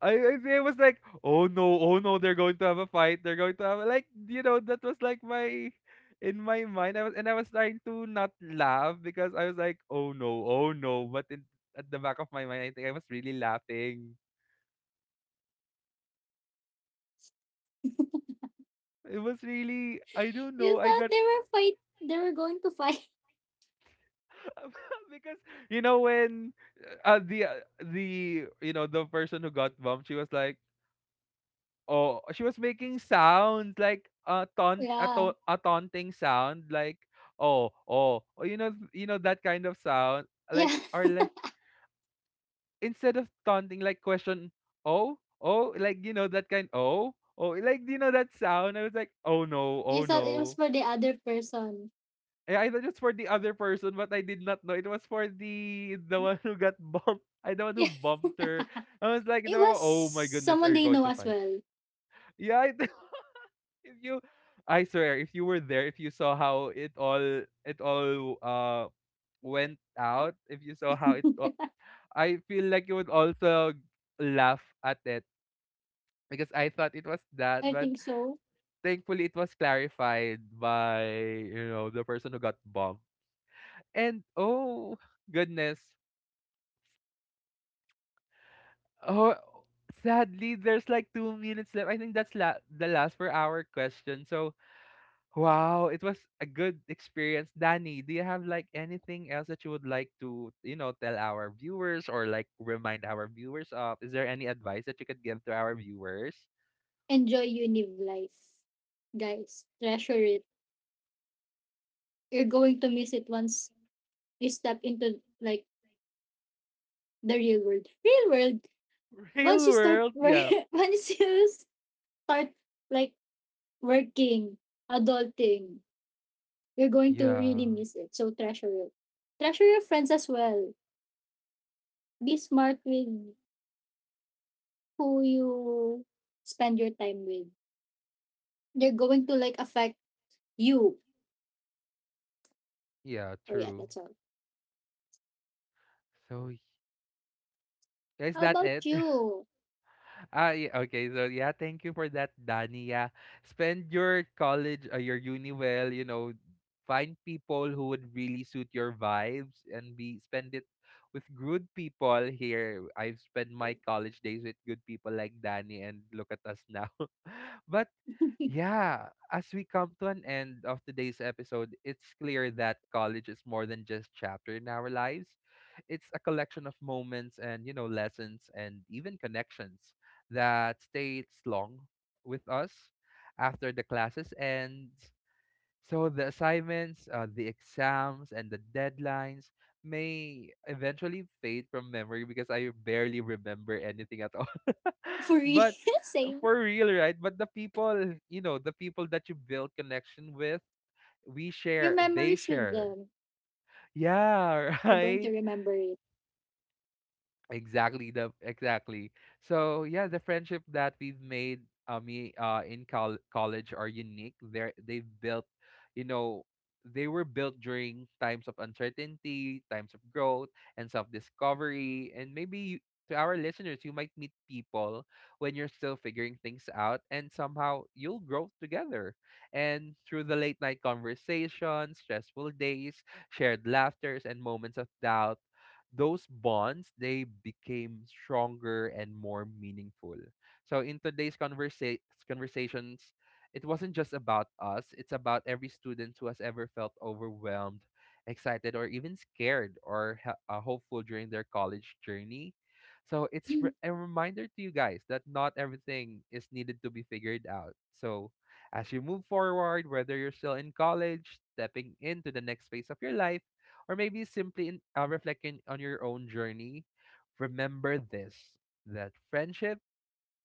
I it was like, oh no, oh no, they're going to have a fight. They're going to have a, like, you know, that was like my in my mind. I was and I was trying to not laugh because I was like, oh no, oh no. But in, at the back of my mind, I think I was really laughing. It was really, I don't know. You I thought got they were fight they were going to fight. <laughs> <laughs> because you know when uh, the uh, the you know the person who got bumped, she was like, oh, she was making sounds like Yeah. A taunting sound like, "Oh, oh." Or you know that kind of sound, like Yeah. <laughs> or like instead of taunting, like question, "Oh, oh," like, you know, that kind, "Oh, oh," like, you know that sound? I was like, "Oh no, oh You thought it was no." for the other person. <laughs> Eh, I thought it's for the other person, but I did not know it was for the one who got <laughs> bumped. I the one who Yeah. bumped her. I was like, It was "Oh my goodness, are someone you they going know to as fight?" well. Yeah, I <laughs> if you I swear, if you were there, if you saw how it all went out, if you saw how it <laughs> all, I feel like you would also laugh at it because I thought it was that, I but think so. thankfully it was clarified by you know the person who got bombed. And oh goodness, oh sadly there's like 2 minutes left. I think that's the last for our question. So wow, it was a good experience. Danny, do you have like anything else that you would like to, you know, tell our viewers or like remind our viewers of? Is there any advice that you could give to our viewers? Enjoy Univ life, guys. Treasure it. You're going to miss it once you step into like the real world. Real world. <laughs> Once Real you start world, work, yeah. <laughs> once you start like working, adulting, you're going to Yeah. really miss it. So treasure it. Treasure your friends as well. Be smart with who you spend your time with. They're going to like affect you. Yeah, Oh yeah, true. that's all. So y- is How that about it? <laughs> you? Ah, yeah, okay. So yeah, thank you for that, Danny. Yeah, spend your college, your uni well. You know, find people who would really suit your vibes and be spend it with good people. Here, I've spent my college days with good people like Danny, and look at us now. <laughs> But <laughs> yeah, as we come to an end of today's episode, it's clear that college is more than just chapter in our lives. It's a collection of moments and, you know, lessons and even connections that stays long with us after the classes ends. So the assignments, the exams, and the deadlines may eventually fade from memory because I barely remember anything at all. For <laughs> real, But <laughs> same. for real, right? But the people, you know, the people that you build connection with, we Your share, they memories with share. them, Yeah, <laughs> we are going right. to remember it. Exactly. So yeah, the friendship that we've made me in college are unique. They've built, you know, they were built during times of uncertainty, times of growth and self-discovery and maybe you, to our listeners you might meet people when you're still figuring things out and somehow you'll grow together. And through the late night conversations, stressful days, shared laughters and moments of doubt those bonds they became stronger and more meaningful. So in today's conversations, it wasn't just about us, it's about every student who has ever felt overwhelmed, excited, or even scared or hopeful during their college journey. So it's <clears throat> a reminder to you guys that not everything is needed to be figured out. So as you move forward, whether you're still in college, stepping into the next phase of your life, or maybe simply reflecting on your own journey, remember this that friendship,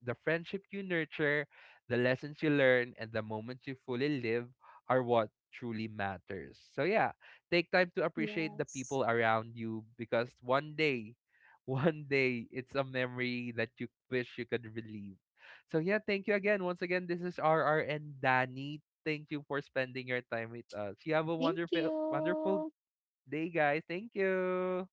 the friendship you nurture, the lessons you learn, and the moments you fully live are what truly matters. So, yeah, take time to appreciate the Yes. people around you because one day, <laughs> one day, it's a memory that you wish you could relive. So, yeah, thank you again. Once again, this is RR and Danny. Thank you for spending your time with us. You have a Thank wonderful, wonderful you. day, guys. Thank you.